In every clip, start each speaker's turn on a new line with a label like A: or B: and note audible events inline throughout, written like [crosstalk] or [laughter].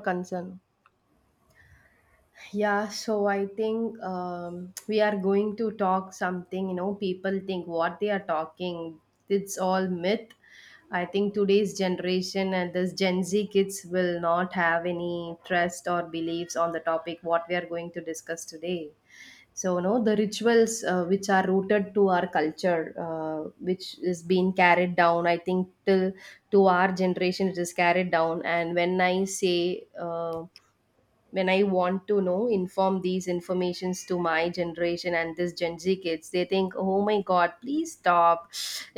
A: Concern. Yeah, so I think, [tsk] we are going to talk something, people think what they are talking. It's all myth. I think today's generation and this Gen Z kids will not have any trust or beliefs on the topic what we are going to discuss today. So the rituals, which are rooted to our culture, uh, which is being carried down, I think, till to our generation it is carried down. And when I say, uh, when I want to know inform these informations to my generation and this Gen Z kids, they think, oh my god, please stop.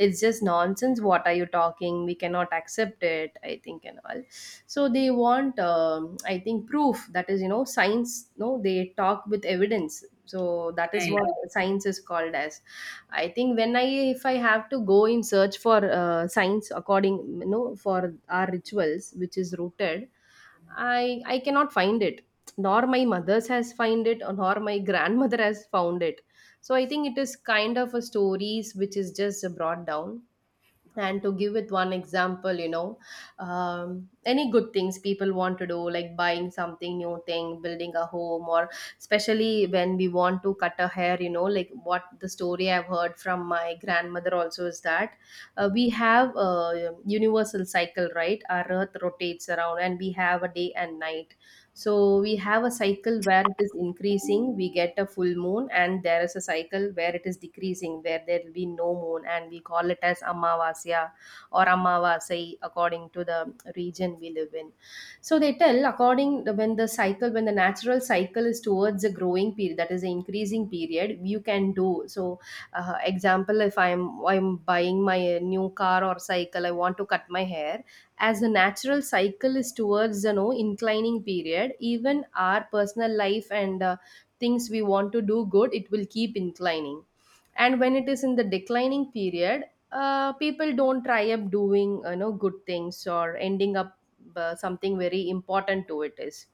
A: It's just nonsense. What are you talking? We cannot accept it, I think, and all. So they want, I think, proof. That is, you know, science. No, they talk with evidence. So that is
B: Right.
A: what science is called as. I think when I, if I have to go in search for science, according, you know, for our rituals which is rooted, I cannot find it. Nor my mother's has find it, or nor my grandmother has found it. So I think it is kind of a stories which is just brought down. And to give it one example, you know, any good things people want to do, like buying something new thing, building a home, or especially when we want to cut a hair, you know, like what the story I've heard from my grandmother also is that, we have a universal cycle, right? Our earth rotates around and we have a day and night. So we have a cycle where it is increasing, we get a full moon, and there is a cycle where it is decreasing, where there will be no moon, and we call it as Amavasya or Amavasai according to the region we live in. So they tell according when the cycle, when the natural cycle is towards a growing period, that is the increasing period, you can do. So, example, if I'm buying my new car or cycle, I want to cut my hair as the natural cycle is towards the no inclining period. Even our personal life and, things we want to do good, it will keep inclining. And when it is in the declining period, people don't try up doing, you know, good things, or ending up, something very important to it is.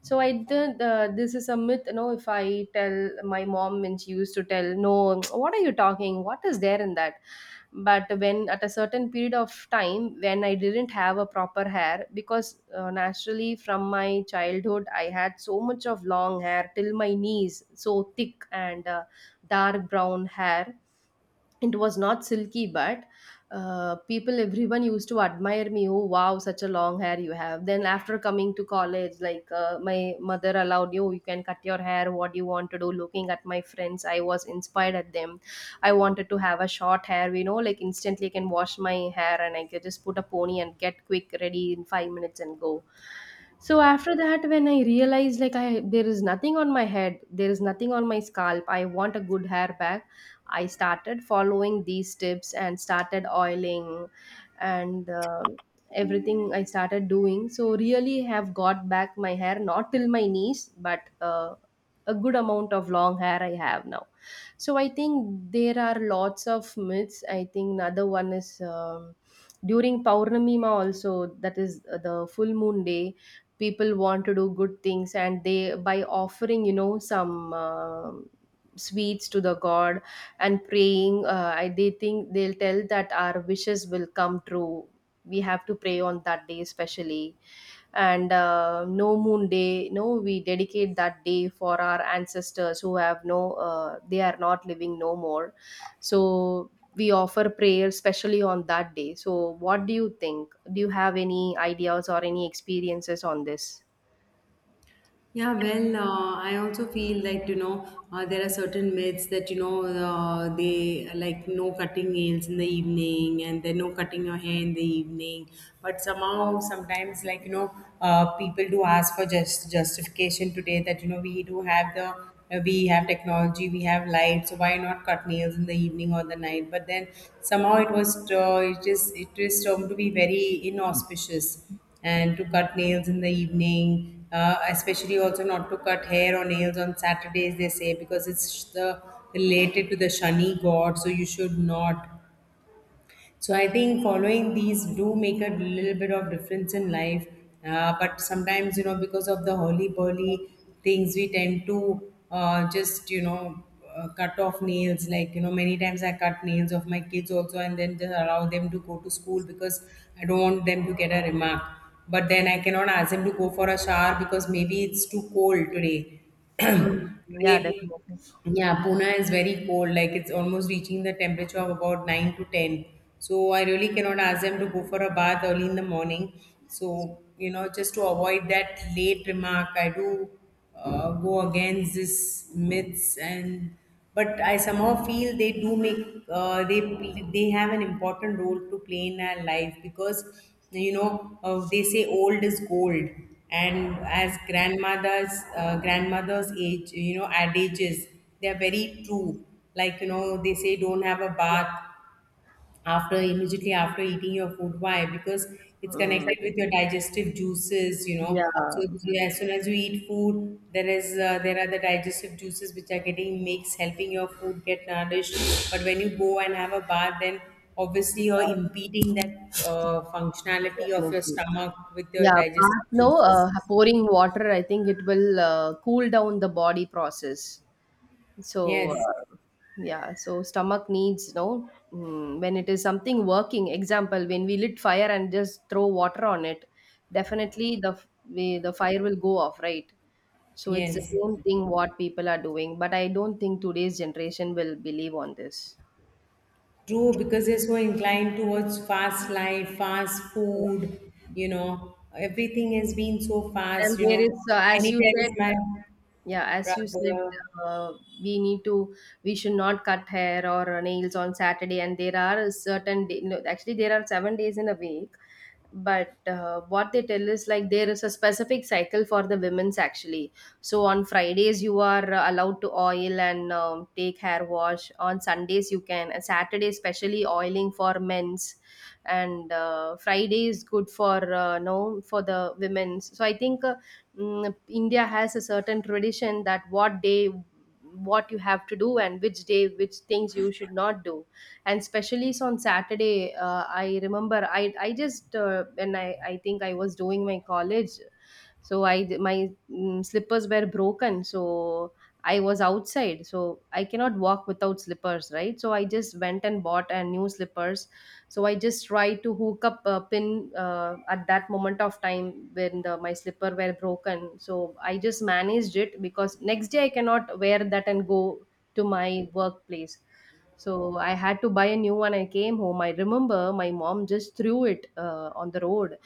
A: So I did, this is a myth, you know. If I tell my mom, and she used to tell no, what are you talking? What is there in that? But when at a certain period of time when I didn't have a proper hair, because, naturally from my childhood I had so much of long hair till my knees, so thick and, dark brown hair. It was not silky, but, people, everyone used to admire me, oh wow, such a long hair you have. Then after coming to college, like, my mother allowed, you can cut your hair what you want to do. Looking at my friends, I was inspired at them. I wanted to have a short hair, you know, like instantly I can wash my hair and I can just put a pony and get quick ready in 5 minutes and go. So after that when I realized like I, there is nothing on my head, there is nothing on my scalp, I want a good hair back. I started following these tips and started oiling and, everything I started doing. So really have got back my hair not till my knees, but, a good amount of long hair I have now. So I think there are lots of myths. I think another one is, during Purnamima, also that is, the full moon day. People want to do good things and they by offering, you know, some sweets to the god and praying, I, they think they'll tell that our wishes will come true. We have to pray on that day especially. And, no moon day, no, we dedicate that day for our ancestors who have no, they are not living no more. So we offer prayer especially on that day. So what do you think? Do you have any ideas or any experiences on this?
B: Yeah, well, I also feel like, you know, there are certain myths that, you know, they like no cutting nails in the evening and then no cutting your hair in the evening. But somehow, sometimes, like, you know, people do ask for just justification today that, you know, we do have we have technology, we have light, so why not cut nails in the evening or the night? But then somehow it is termed to be very inauspicious and to cut nails in the evening, especially also not to cut hair or nails on Saturdays, they say, because it's the related to the Shani god, so you should not. So I think following these do make a little bit of difference in life. But sometimes, you know, because of the hurly burly things, we tend to just, you know, cut off nails. Like, you know, many times I cut nails of my kids also and then just allow them to go to school because I don't want them to get a remark. But then I cannot ask them to go for a shower because maybe it's too cold today. [clears throat]
A: Mm, yeah,
B: Today,
A: definitely.
B: yeah, Pune is very cold, like it's almost reaching the temperature of about 9 to 10. So I really cannot ask them to go for a bath early in the morning. So, you know, just to avoid that late remark, I do go against this myths, and but I somehow feel they do make uh, they they have an important role to play in our life because you know they say old is gold, and as grandmothers age, you know, adages, they are very true. Like you know they say don't have a bath after immediately after eating your food. Why? Because it's
A: Mm,
B: connected with your digestive juices.
A: yeah,
B: As soon as you eat food, there are the digestive juices which are getting mixed, helping your food get nourished. But when you go and have a bath, then obviously you're impeding that functionality of your
A: definitely.
B: stomach with your
A: Yeah,
B: digestive
A: bath, no,
B: juices.
A: pouring water, I think it will, cool down the body process. So,
B: Yes,
A: yeah, so stomach needs, no, when it is something working, example, when we lit fire and just throw water on it, definitely the we, the fire will go off, right? So it's the
B: yes.
A: same thing what people are doing, but I don't think today's generation will believe on this.
B: True, because they're so inclined towards fast life, fast food, you know, everything has been so
A: And
B: fast, you
A: there
B: know.
A: is, as
B: Many
A: you said,
B: times my
A: yeah, as you said,
B: brother,
A: uh, we need to we should not cut hair or nails on Saturday. And there are certain day, no, actually there are 7 days in a week. But, what they tell is, like, there is a specific cycle for the women's actually. So on Fridays you are, allowed to oil and, take hair wash. On Sundays you can, and Saturday especially oiling for men's. And, Friday is good for, no, for the women's. So I think, India has a certain tradition that what day what you have to do and which day which things you should not do. And especially so on Saturday, I remember I just, when I think I was doing my college, so I my, slippers were broken. So I was outside, so I cannot walk without slippers, right? So I just went and bought a new slippers. So I just tried to hook up a pin, at that moment of time when the, my slipper were broken. So I just managed it because next day I cannot wear that and go to my workplace. So I had to buy a new one. I came home, I remember my mom just threw it, on the road.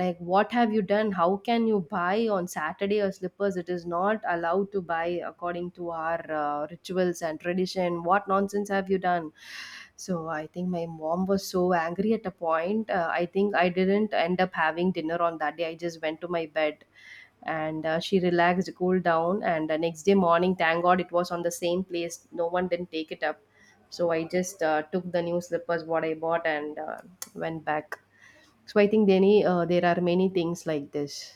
A: Like what have you done? How can you buy on Saturday or slippers? It is not allowed to buy according to our, rituals and tradition. What nonsense have you done? So I think my mom was so angry at a point, I think I didn't end up having dinner on that day. I just went to my bed. And, she relaxed, cooled down. And the next day morning, thank god it was on the same place. No one didn't take it up. So I just, took the new slippers what I bought and, went back. So I think any, there are many things like this.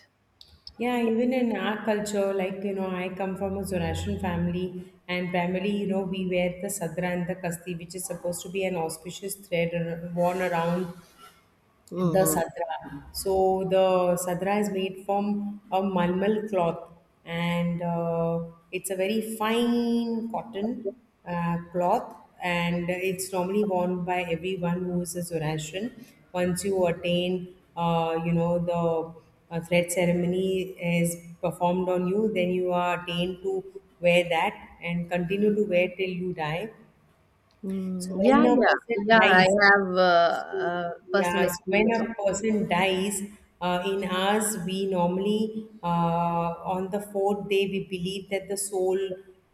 B: yeah, even in our culture, like, you know, I come from a Zoroastrian family, and primarily, you know, we wear the sadra and the kasti, which is supposed to be an auspicious thread worn around. The
A: Hmm.
B: sadra. So the sadra is made from a malmal cloth, and it's a very fine cotton cloth, and it's normally worn by everyone who is a Zoroastrian. Once you attain, you know, the thread ceremony is performed on you, then you are attained to wear that and continue to wear till you die. So
A: Mm. Yeah,
B: when a
A: yeah.
B: person
A: Yeah, yeah. I
B: dies,
A: have,
B: so, yeah,
A: personal
B: when
A: experience.
B: a person dies, in ours, we normally, on the fourth day, we believe that the soul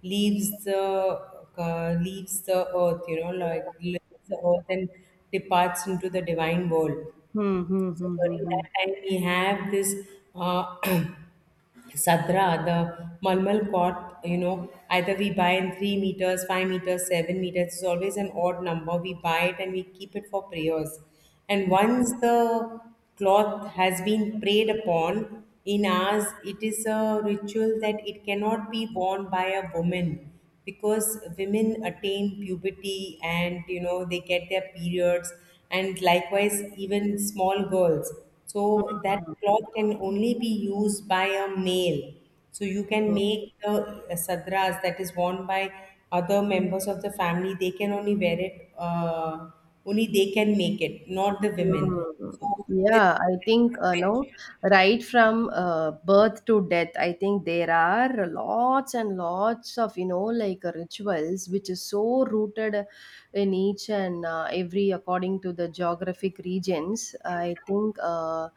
B: leaves the leaves the earth, you know, like leaves the earth and departs into the divine world.
A: Hmm, hmm,
B: So
A: hmm,
B: during
A: hmm,
B: that time, we have this uh, [clears throat] Sadra, the Malmal cot, you know, either we buy in 3 meters, 5 meters, 7 meters, it's always an odd number. We buy it and we keep it for prayers. And once the cloth has been prayed upon, in ours, it is a ritual that it cannot be worn by a woman because women attain puberty and, you know, they get their periods, and likewise, even small girls. So that cloth can only be used by a male, so you can
A: hmm.
B: make the sadras that is worn by other members of the family. They can only wear it, only they can make it, not the women,
A: Mm.
B: so it's
A: Yeah, I think, no, right from, birth to death, I think there are lots and lots of, you know, like, rituals which is so rooted in each and, every according to the geographic regions. I think,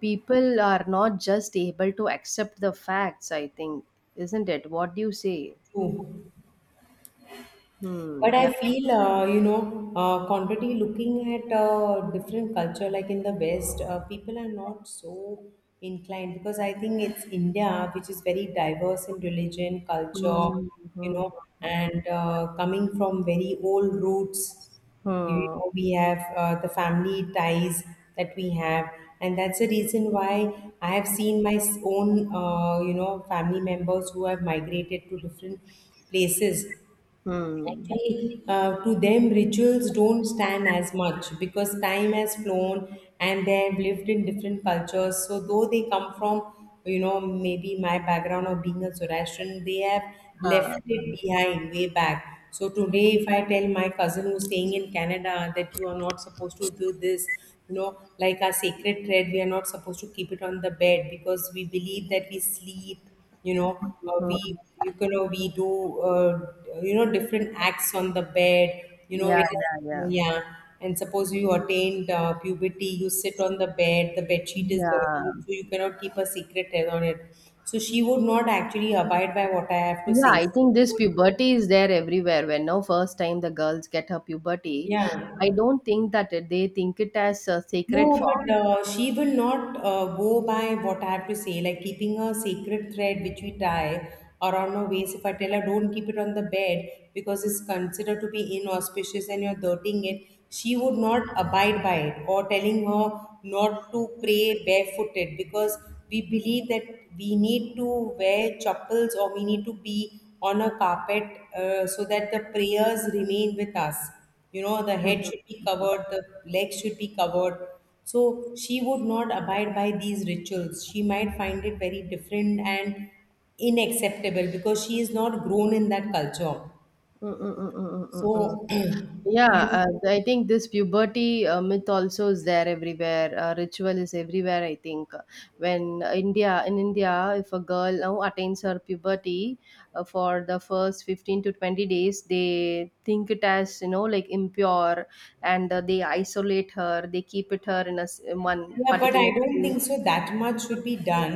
A: people are not just able to accept the facts. I think, isn't it? What do you say?
B: true.
A: Hmm.
B: But
A: Yeah.
B: I feel, you know, contrary looking at different culture, like in the West, people are not so inclined because I think it's India, which is very diverse in religion, culture,
A: Hmm.
B: you
A: Hmm.
B: know, and coming from very old roots,
A: Hmm.
B: you know,
A: Hmm.
B: we have the family ties that we have. And that's the reason why I have seen my own, you know, family members who have migrated to different places.
A: Hmm.
B: Actually, to them, rituals don't stand as much because time has flown and they have lived in different cultures. So, though they come from, you know, maybe my background of being a Zoroastrian, they have left
A: Hmm.
B: it behind way back. So, today, if I tell my cousin who's staying in Canada that you are not supposed to do this, you know, like our sacred thread, we are not supposed to keep it on the bed because we believe that we sleep, you know,
A: Hmm. Hmm.
B: we do, uh, you know, different acts on the bed, you know
A: Yeah,
B: it is.
A: yeah, yeah.
B: Yeah. And suppose you attained puberty, you sit on the bed, the bed sheet is
A: Yeah.
B: dirty, so you cannot keep a secret on it. So she would not actually abide by what I have to
A: Yeah,
B: say,
A: I
B: so
A: think
B: she
A: this
B: would.
A: puberty is there everywhere. When no, first time the girls get her puberty, I
B: Yeah.
A: don't think that they think it as a sacred
B: No, but
A: form.
B: she will not go by what I have to say, like keeping a sacred thread which we tie around our waist. If I tell her don't keep it on the bed because it's considered to be inauspicious and you're dirtying it, she would not abide by it. Or telling her not to pray barefooted because we believe that we need to wear chapels or we need to be on a carpet, so that the prayers remain with us, you know, the head should be covered, the legs should be covered. So she would not abide by these rituals, she might find it very different and unacceptable because she is not grown in that culture.
A: Mm, mm, mm, mm, mm, mm, mm.
B: So [clears throat]
A: Yeah,
B: you know,
A: I think this puberty, myth also is there everywhere. Ritual is everywhere. I think when India in India, if a girl now attains her puberty, for the first 15 to 20 days, they think it as, you know, like impure, and, they isolate her. They keep it her in in one
B: yeah, but I
A: particular
B: don't
A: place.
B: think so that much should be done.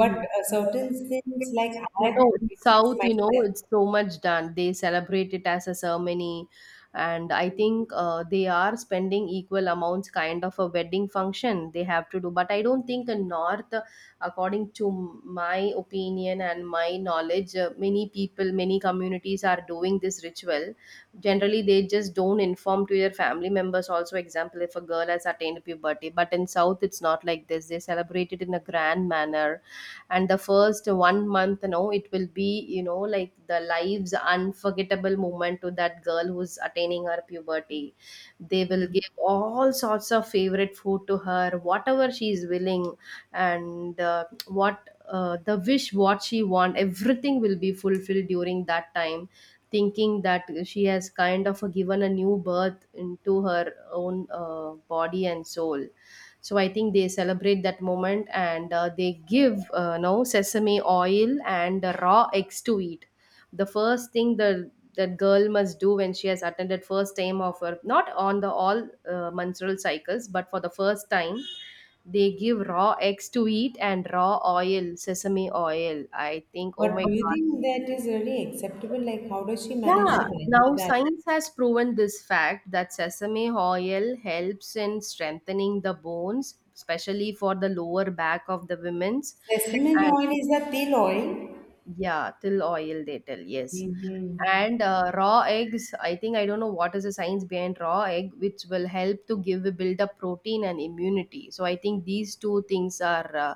B: But certain things like I have
A: No, in
B: witnessed
A: South, you know,
B: myself.
A: it's so much done. They celebrate it as a ceremony, and I think, they are spending equal amounts, kind of a wedding function they have to do. But I don't think in North, according to my opinion and my knowledge, many people, many communities are doing this ritual. Generally, they just don't inform to their family members. Also, example, if a girl has attained puberty, but in South, it's not like this. They celebrate it in a grand manner, and the first one month, it will be, like, the life's unforgettable moment to that girl who's attaining her puberty. They will
B: Mm.
A: give all sorts of favorite food to her, whatever she is willing. And what the wish what she want, everything will be fulfilled during that time, thinking that she has kind of given a new birth into her own body and soul. So I think they celebrate that moment, and they give no sesame oil and raw eggs to eat. The first thing the that girl must do when she has attended first time of her, not on the all menstrual cycles but for the first time. They give raw eggs to eat and raw oil, sesame oil, I think. Oh my
B: But do you
A: god.
B: think that is really acceptable? Like, how does she manage
A: Yeah,
B: to
A: now
B: digest that?
A: science has proven this fact that sesame oil helps in strengthening the bones, especially for the lower back of the women's.
B: Sesame
A: And
B: oil is a tail oil.
A: yeah, till oil they tell, yes.
B: Mm-hmm.
A: And raw eggs, I think, I don't know what is the science behind raw egg, which will help to give build up protein and immunity. So I think these two things are,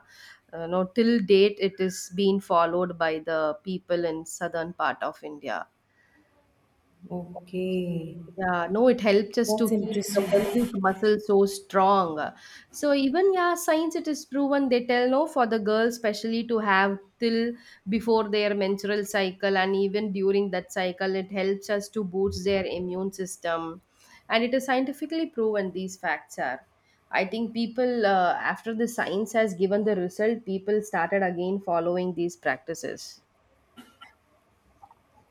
A: till date it is being followed by the people in southern part of India. Okay.
B: Okay,
A: Yeah, no, it helps us to
B: that's
A: keep the
B: interesting.
A: pelvic muscle so strong. So even, yeah, science it is proven. They tell no for the girls especially to have till before their menstrual cycle, and even during that cycle, it helps us to boost their immune system, and it is scientifically proven. These facts are. I think people, after the science has given the result, people started again following these practices.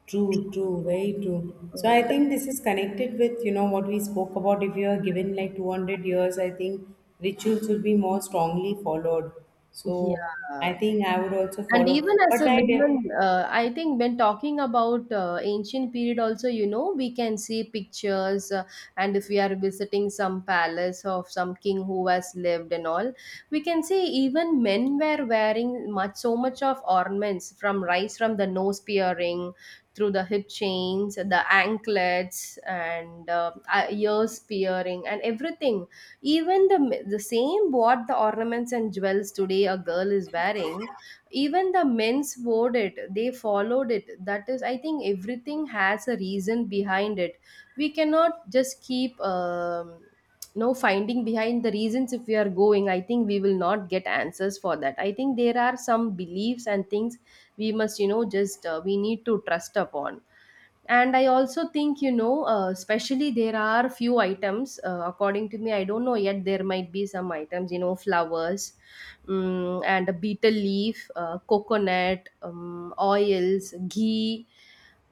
B: True, true, very true. So I
A: Mm.
B: think this is connected with, you know, what we spoke about. If you are given like 200 years, I think rituals will be more strongly followed. So I
A: Yeah.
B: think I would also
A: And
B: follow.
A: even as
B: But
A: a woman, I think when talking about ancient period also, we can see pictures, and if we are visiting some palace of some king who has lived and all, we can see even men were wearing much so much of ornaments, from rice, from the nose piercing, through the hip chains, the anklets and ears piercing and everything. Even the same what the ornaments and jewels today a girl is wearing, even the men's wore it, they followed it. That is, I think, everything has a reason behind it. We cannot just keep no finding behind the reasons. If we are going, I think we will not get answers for that. I think there are some beliefs and things we must, just, we need to trust upon. And I also think, especially there are few items, according to me, I don't know yet, there might be some items, flowers, and a beetle leaf, coconut, oils, ghee,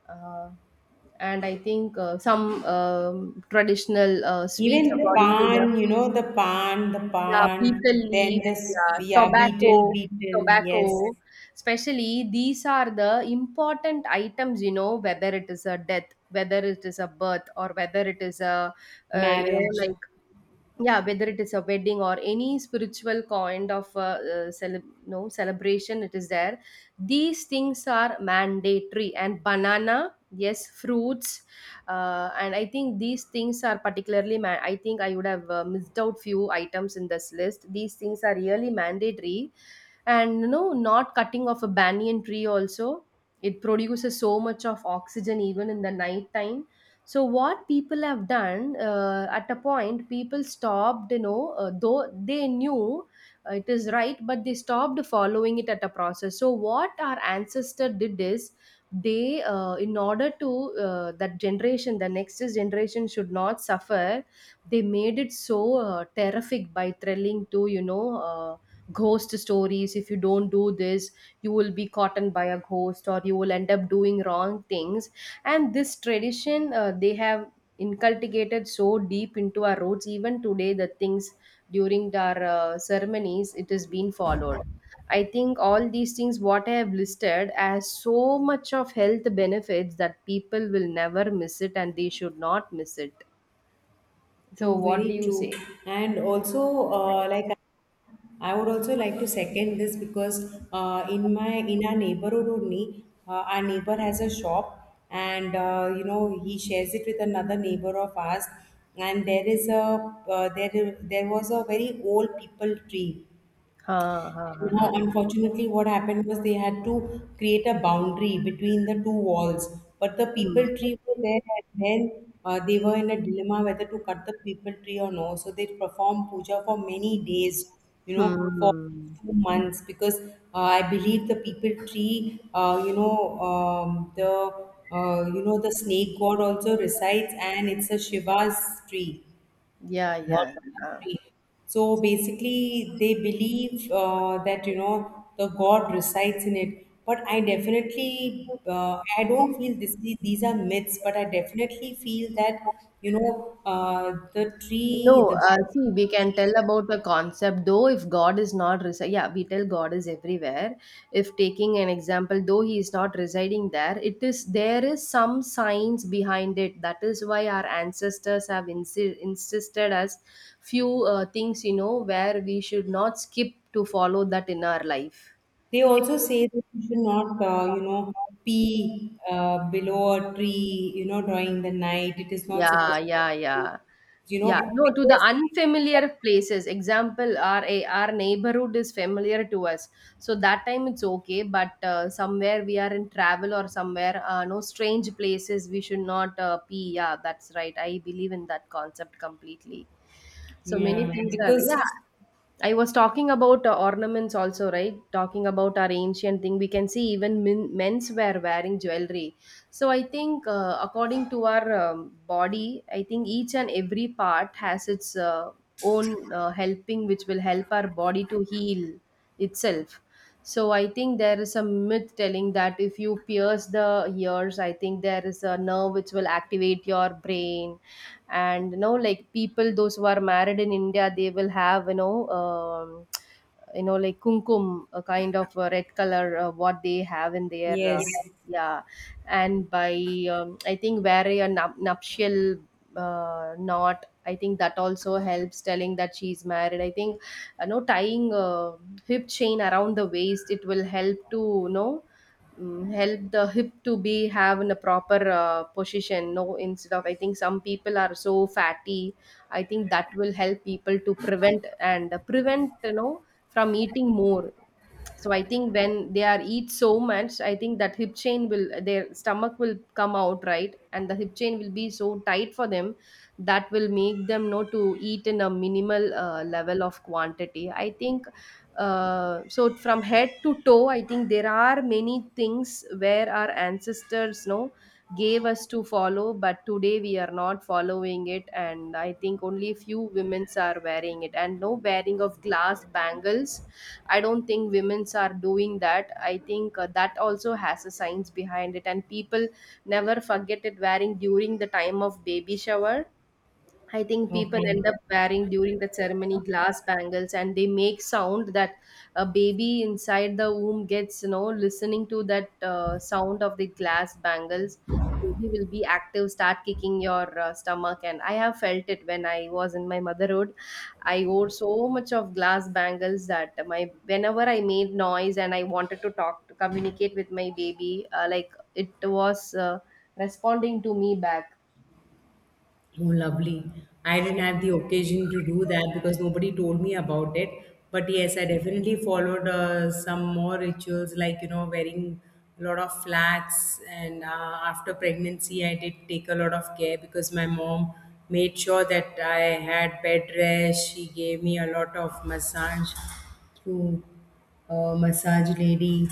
A: uh, and I think some traditional sweets
B: even
A: according to the.
B: pan, you know, the pan, the
A: Yeah,
B: pan,
A: beetle leaf.
B: then this,
A: Yeah,
B: yeah, beetle,
A: tobacco,
B: beetle, yes,
A: tobacco. Especially these are the important items, you know, whether it is a death, whether it is a birth, or whether it is a,
B: marriage.
A: like, yeah, whether it is a wedding or any spiritual kind of no celebration, it is there. These things are mandatory, and banana, yes, fruits, and I think these things are particularly I think I would have missed out few items in this list. These things are really mandatory. And not cutting off a banyan tree also, it produces so much of oxygen even in the night time. So what people have done, at a point people stopped, though they knew it is right, but they stopped following it at a process. So what our ancestor did is, they, in order to, that generation the next generation should not suffer. They made it so terrific by thrilling to, ghost stories. If you don't do this, you will be caught in by a ghost or you will end up doing wrong things. And this tradition, they have inculcated so deep into our roots. Even today the things during our ceremonies, it is being followed. I think all these things what I have listed as so much of health benefits, that people will never miss it and they should not miss it. So
B: True,
A: what do
B: very
A: you
B: true.
A: say?
B: And also, like I would also like to second this because in our neighborhood only, our neighbor has a shop, and you know he shares it with another neighbor of ours. And there was a very old people tree.
A: Ha ha ha ha.
B: Now, unfortunately, what happened was they had to create a boundary between the two walls, but the
A: Hmm.
B: people tree were there, and then they were in a dilemma whether to cut the people tree or no. So they performed puja for many days, you know, for
A: Hmm.
B: 2 months, because I believe the people tree, you know, the you know the snake god also resides, and it's a Shiva's tree.
A: Yeah, yeah, yeah.
B: So basically, they believe that you know the God resides in it. But I don't feel this. These are myths, but I definitely feel that you know the tree, the
A: No, see,
B: banyan
A: we can
B: tree.
A: tell about the concept, though, if God is not residing, yeah, we tell God is everywhere. If taking an example, though He is not residing there, it is there is some science behind it. That is why our ancestors have insisted us few things, where we should not skip to follow that in our life.
B: They also say that you should not, you know, pee below a tree. You know, during the night, it is not
A: Yeah,
B: supposed.
A: yeah, yeah.
B: You
A: Yeah,
B: know,
A: no, to the
B: because
A: unfamiliar places. Example, our neighborhood is familiar to us, so that time it's okay. But somewhere we are in travel or somewhere, no strange places, we should not pee. Yeah, that's right. I believe in that concept completely. So many
B: yeah,
A: things are, yeah.
B: because
A: I was talking about ornaments also, right? Talking about our ancient thing, we can see even men's were wearing jewelry. So I think, according to our body, I think each and every part has its own helping, which will help our body to heal itself. So I think there is a myth telling that if you pierce the ears, I think there is a nerve which will activate your brain. And like people those who are married in India, they will have, like kumkum, a kind of a red color, what they have in their
B: yes,
A: yeah. And by, I think wearing a nuptial knot, I think that also helps telling that she's married, I think. Tying a hip chain around the waist, it will help to, you know help the hip to be have in a proper position, no, instead of, I think some people are so fatty, I think that will help people to prevent, from eating more. So I think when they are eat so much, I think that hip chain will, their stomach will come out, right, and the hip chain will be so tight for them, that will make them know to eat in a minimal level of quantity. I think, so. From head to toe, I think there are many things where our ancestors know gave us to follow, but today we are not following it. And I think only few women's are wearing it, and no wearing of glass bangles. I don't think women's are doing that. I think that also has a science behind it, and people never forget it wearing during the time of baby shower. I think people
B: okay.
A: end up wearing during the ceremony glass bangles, and they make sound that a baby inside the womb gets, listening to that sound of the glass bangles. Baby will be active, start kicking your stomach. And I have felt it when I was in my motherhood. I wore so much of glass bangles that my, whenever I made noise and I wanted to talk to communicate with my baby, like it was, responding to me back.
B: Oh, lovely. I didn't have the occasion to do that because nobody told me about it. But yes, I definitely followed some more rituals like, you know, wearing a lot of flats. And after pregnancy, I did take a lot of care because my mom made sure that I had bed rest. She gave me a lot of massage through a massage lady.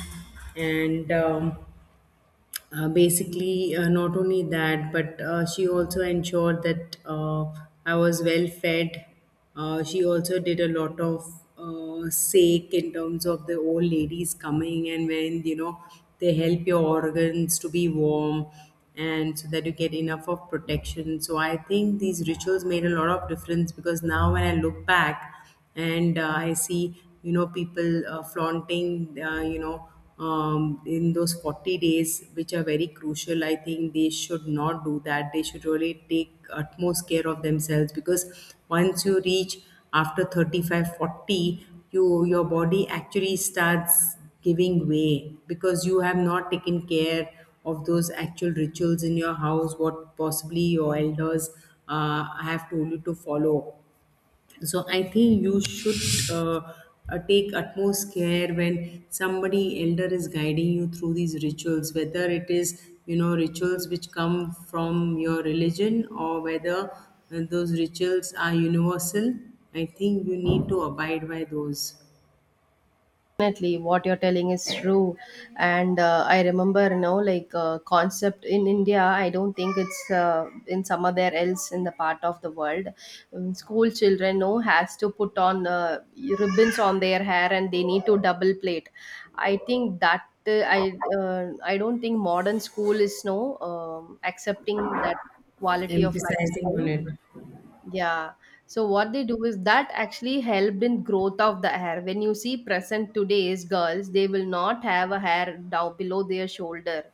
B: And basically, not only that, but she also ensured that I was well fed. She also did a lot of sake in terms of the old ladies coming, and when you know they help your organs to be warm and so that you get enough of protection. So I think these rituals made a lot of difference because now when I look back and I see, you know, people flaunting, you know, in those 40 days which are very crucial, I think they should not do that, they should really take utmost care of themselves because once you reach after 35 40, your body actually starts giving way because you have not taken care of those actual rituals in your house what possibly your elders have told you to follow. So I think you should take utmost care when somebody elder is guiding you through these rituals, whether it is you know rituals which come from your religion or whether those rituals are universal. I think you need to abide by those.
A: Definitely what you're telling is true, and I remember, like, concept in India, I don't think it's in some other else in the part of the world. School children, no, has to put on ribbons on their hair, and they need to double plait. I think that, uh, i uh, I don't think modern school is, no, um, accepting that quality of
B: Emphasizing
A: lifestyle.
B: on it.
A: Yeah. So what they do is that actually helped in growth of the hair. When you see present today's girls, they will not have a hair down below their shoulder.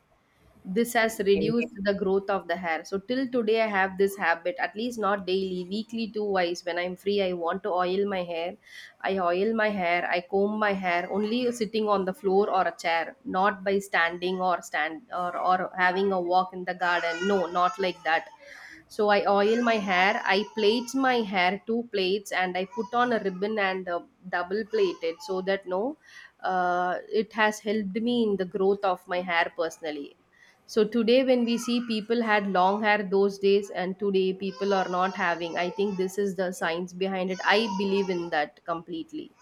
A: This has
B: Yes.
A: reduced the growth of the hair. So till today, I have this habit. At least not daily, weekly two wise. When I'm free, I want to oil my hair. I oil my hair. I comb my hair only sitting on the floor or a chair, not by standing or stand or having a walk in the garden. No, not like that. So I oil my hair, I plait my hair two plaits, and I put on a ribbon, and double plait it, so that no, it has helped me in the growth of my hair personally. So today, when we see people had long hair those days, and today people are not having, I think this is the science behind it. I believe in that completely.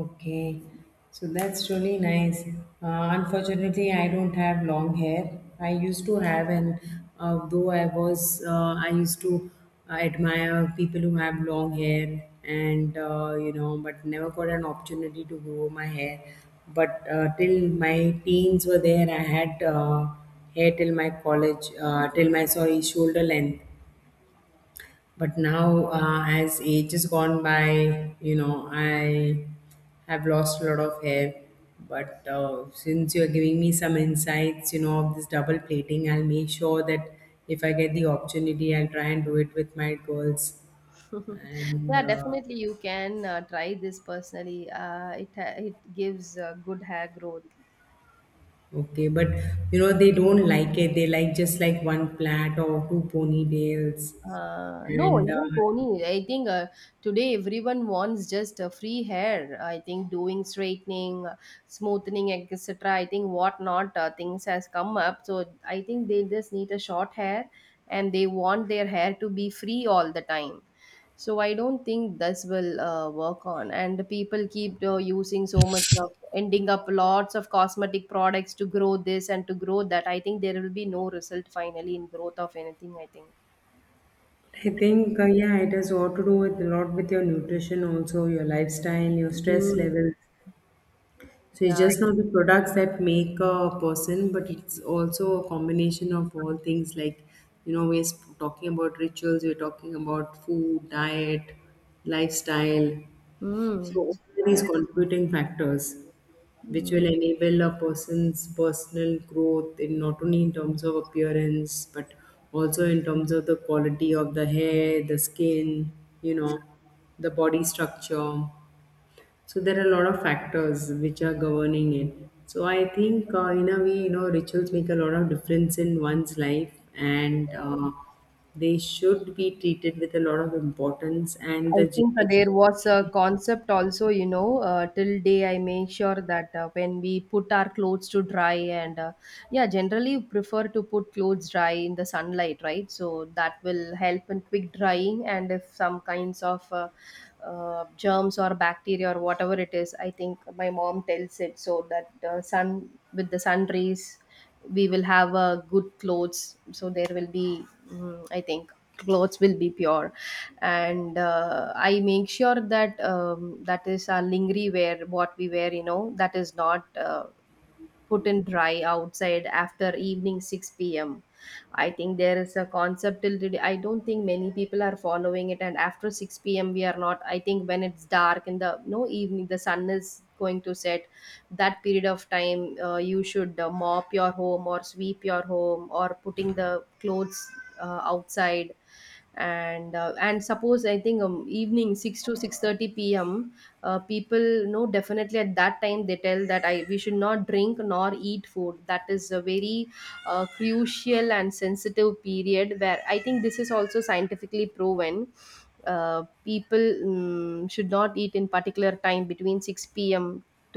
B: Okay, so that's really nice. Unfortunately, I don't have long hair. I used to have, and though I used to admire people who have long hair, and you know, but never got an opportunity to grow my hair. But till my teens were there, I had hair till my college, till my sorry shoulder length. But now, as age has gone by, you know, I have lost a lot of hair. But since you're giving me some insights, you know, of this double plating, I'll make sure that if I get the opportunity I'll try and do it with my girls.
A: [laughs]
B: And
A: Yeah, definitely you can try this personally. It gives good hair growth.
B: okay, but you know they don't like it, they like just like one plait or two ponytails.
A: No,
B: And
A: even pony. I think today everyone wants just a free hair. I think doing straightening, smoothing, etc. I think whatnot things has come up. So I think they just need a short hair, and they want their hair to be free all the time. So I don't think this will work on. And the people keep using so much of ending up lots of cosmetic products to grow this and to grow that. I think there will be no result finally in growth of anything, I think.
B: I think, yeah, it has all to do with a lot with your nutrition, also your lifestyle, your stress
A: Mm,
B: levels. So it's
A: yeah.
B: just not the products that make a person, but it's also a combination of all things. Like, you know, talking about rituals, we're talking about food, diet, lifestyle. So
A: Mm,
B: all these
A: yes.
B: contributing factors which
A: Mm.
B: will enable a person's personal growth in not only in terms of appearance but also in terms of the quality of the hair, the skin, you know, the body structure. So there are a lot of factors which are governing it. So I think, in a way, you know, rituals make a lot of difference in one's life, and they should be treated with a lot of importance. And
A: I
B: the
A: think there was a
B: generation.
A: concept also, till day I make sure that when we put our clothes to dry, and yeah, generally prefer to put clothes dry in the sunlight, right? So that will help in quick drying, and if some kinds of germs or bacteria or whatever it is, I think my mom tells it so that sun, with the sun rays, we will have good clothes, so there will be, I think, clothes will be pure. And I make sure that, that is our lingerie wear what we wear, that is not put in dry outside after evening 6 p.m. I think there is a concept already. I don't think many people are following it. And after 6 p.m., we are not. I think when it's dark in the no evening, the sun is going to set. That period of time, you should mop your home or sweep your home or putting the clothes outside. And and suppose, I think, evening 6 to 6:30 p.m., people, definitely at that time they tell that I we should not drink nor eat food. That is a very crucial and sensitive period, where I think this is also scientifically proven. People, should not eat in particular time between 6 p.m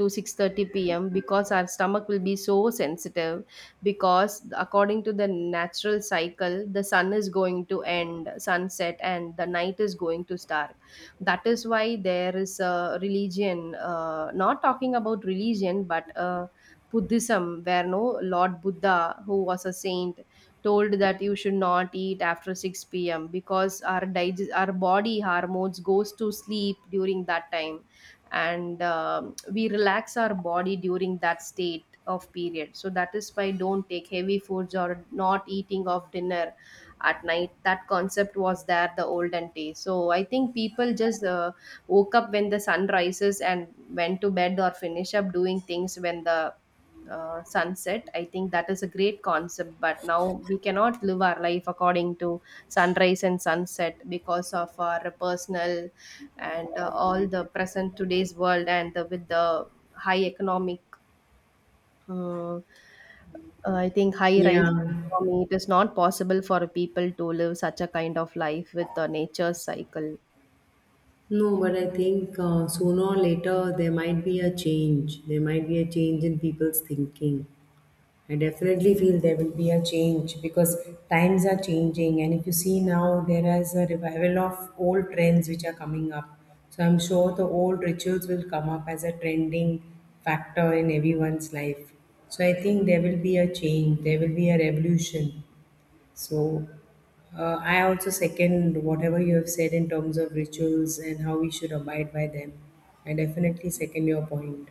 A: to 6:30 p.m., because our stomach will be so sensitive, because according to the natural cycle the sun is going to end sunset and the night is going to start. That is why there is a religion, not talking about religion but, Buddhism, where, no, Lord Buddha, who was a saint, told that you should not eat after 6 p.m., because our our body hormones goes to sleep during that time, and we relax our body during that state of period. So that is why don't take heavy foods or not eating of dinner at night. That concept was there, the olden days. So I think people just woke up when the sun rises, and went to bed or finish up doing things when the sunset. I think that is a great concept, but now we cannot live our life according to sunrise and sunset, because of our personal, and all the present today's world, and with the high economic, mm, I think high rise
B: Yeah.
A: economy, it is not possible for people to live such a kind of life with the nature cycle.
B: No, but I think sooner or later there might be a change. There might be a change in people's thinking. I definitely feel there will be a change because times are changing. And if you see now, there is a revival of old trends which are coming up. So I'm sure the old rituals will come up as a trending factor in everyone's life. So I think there will be a change, there will be a revolution. So I also second whatever you have said in terms of rituals and how we should abide by them. I definitely second your point.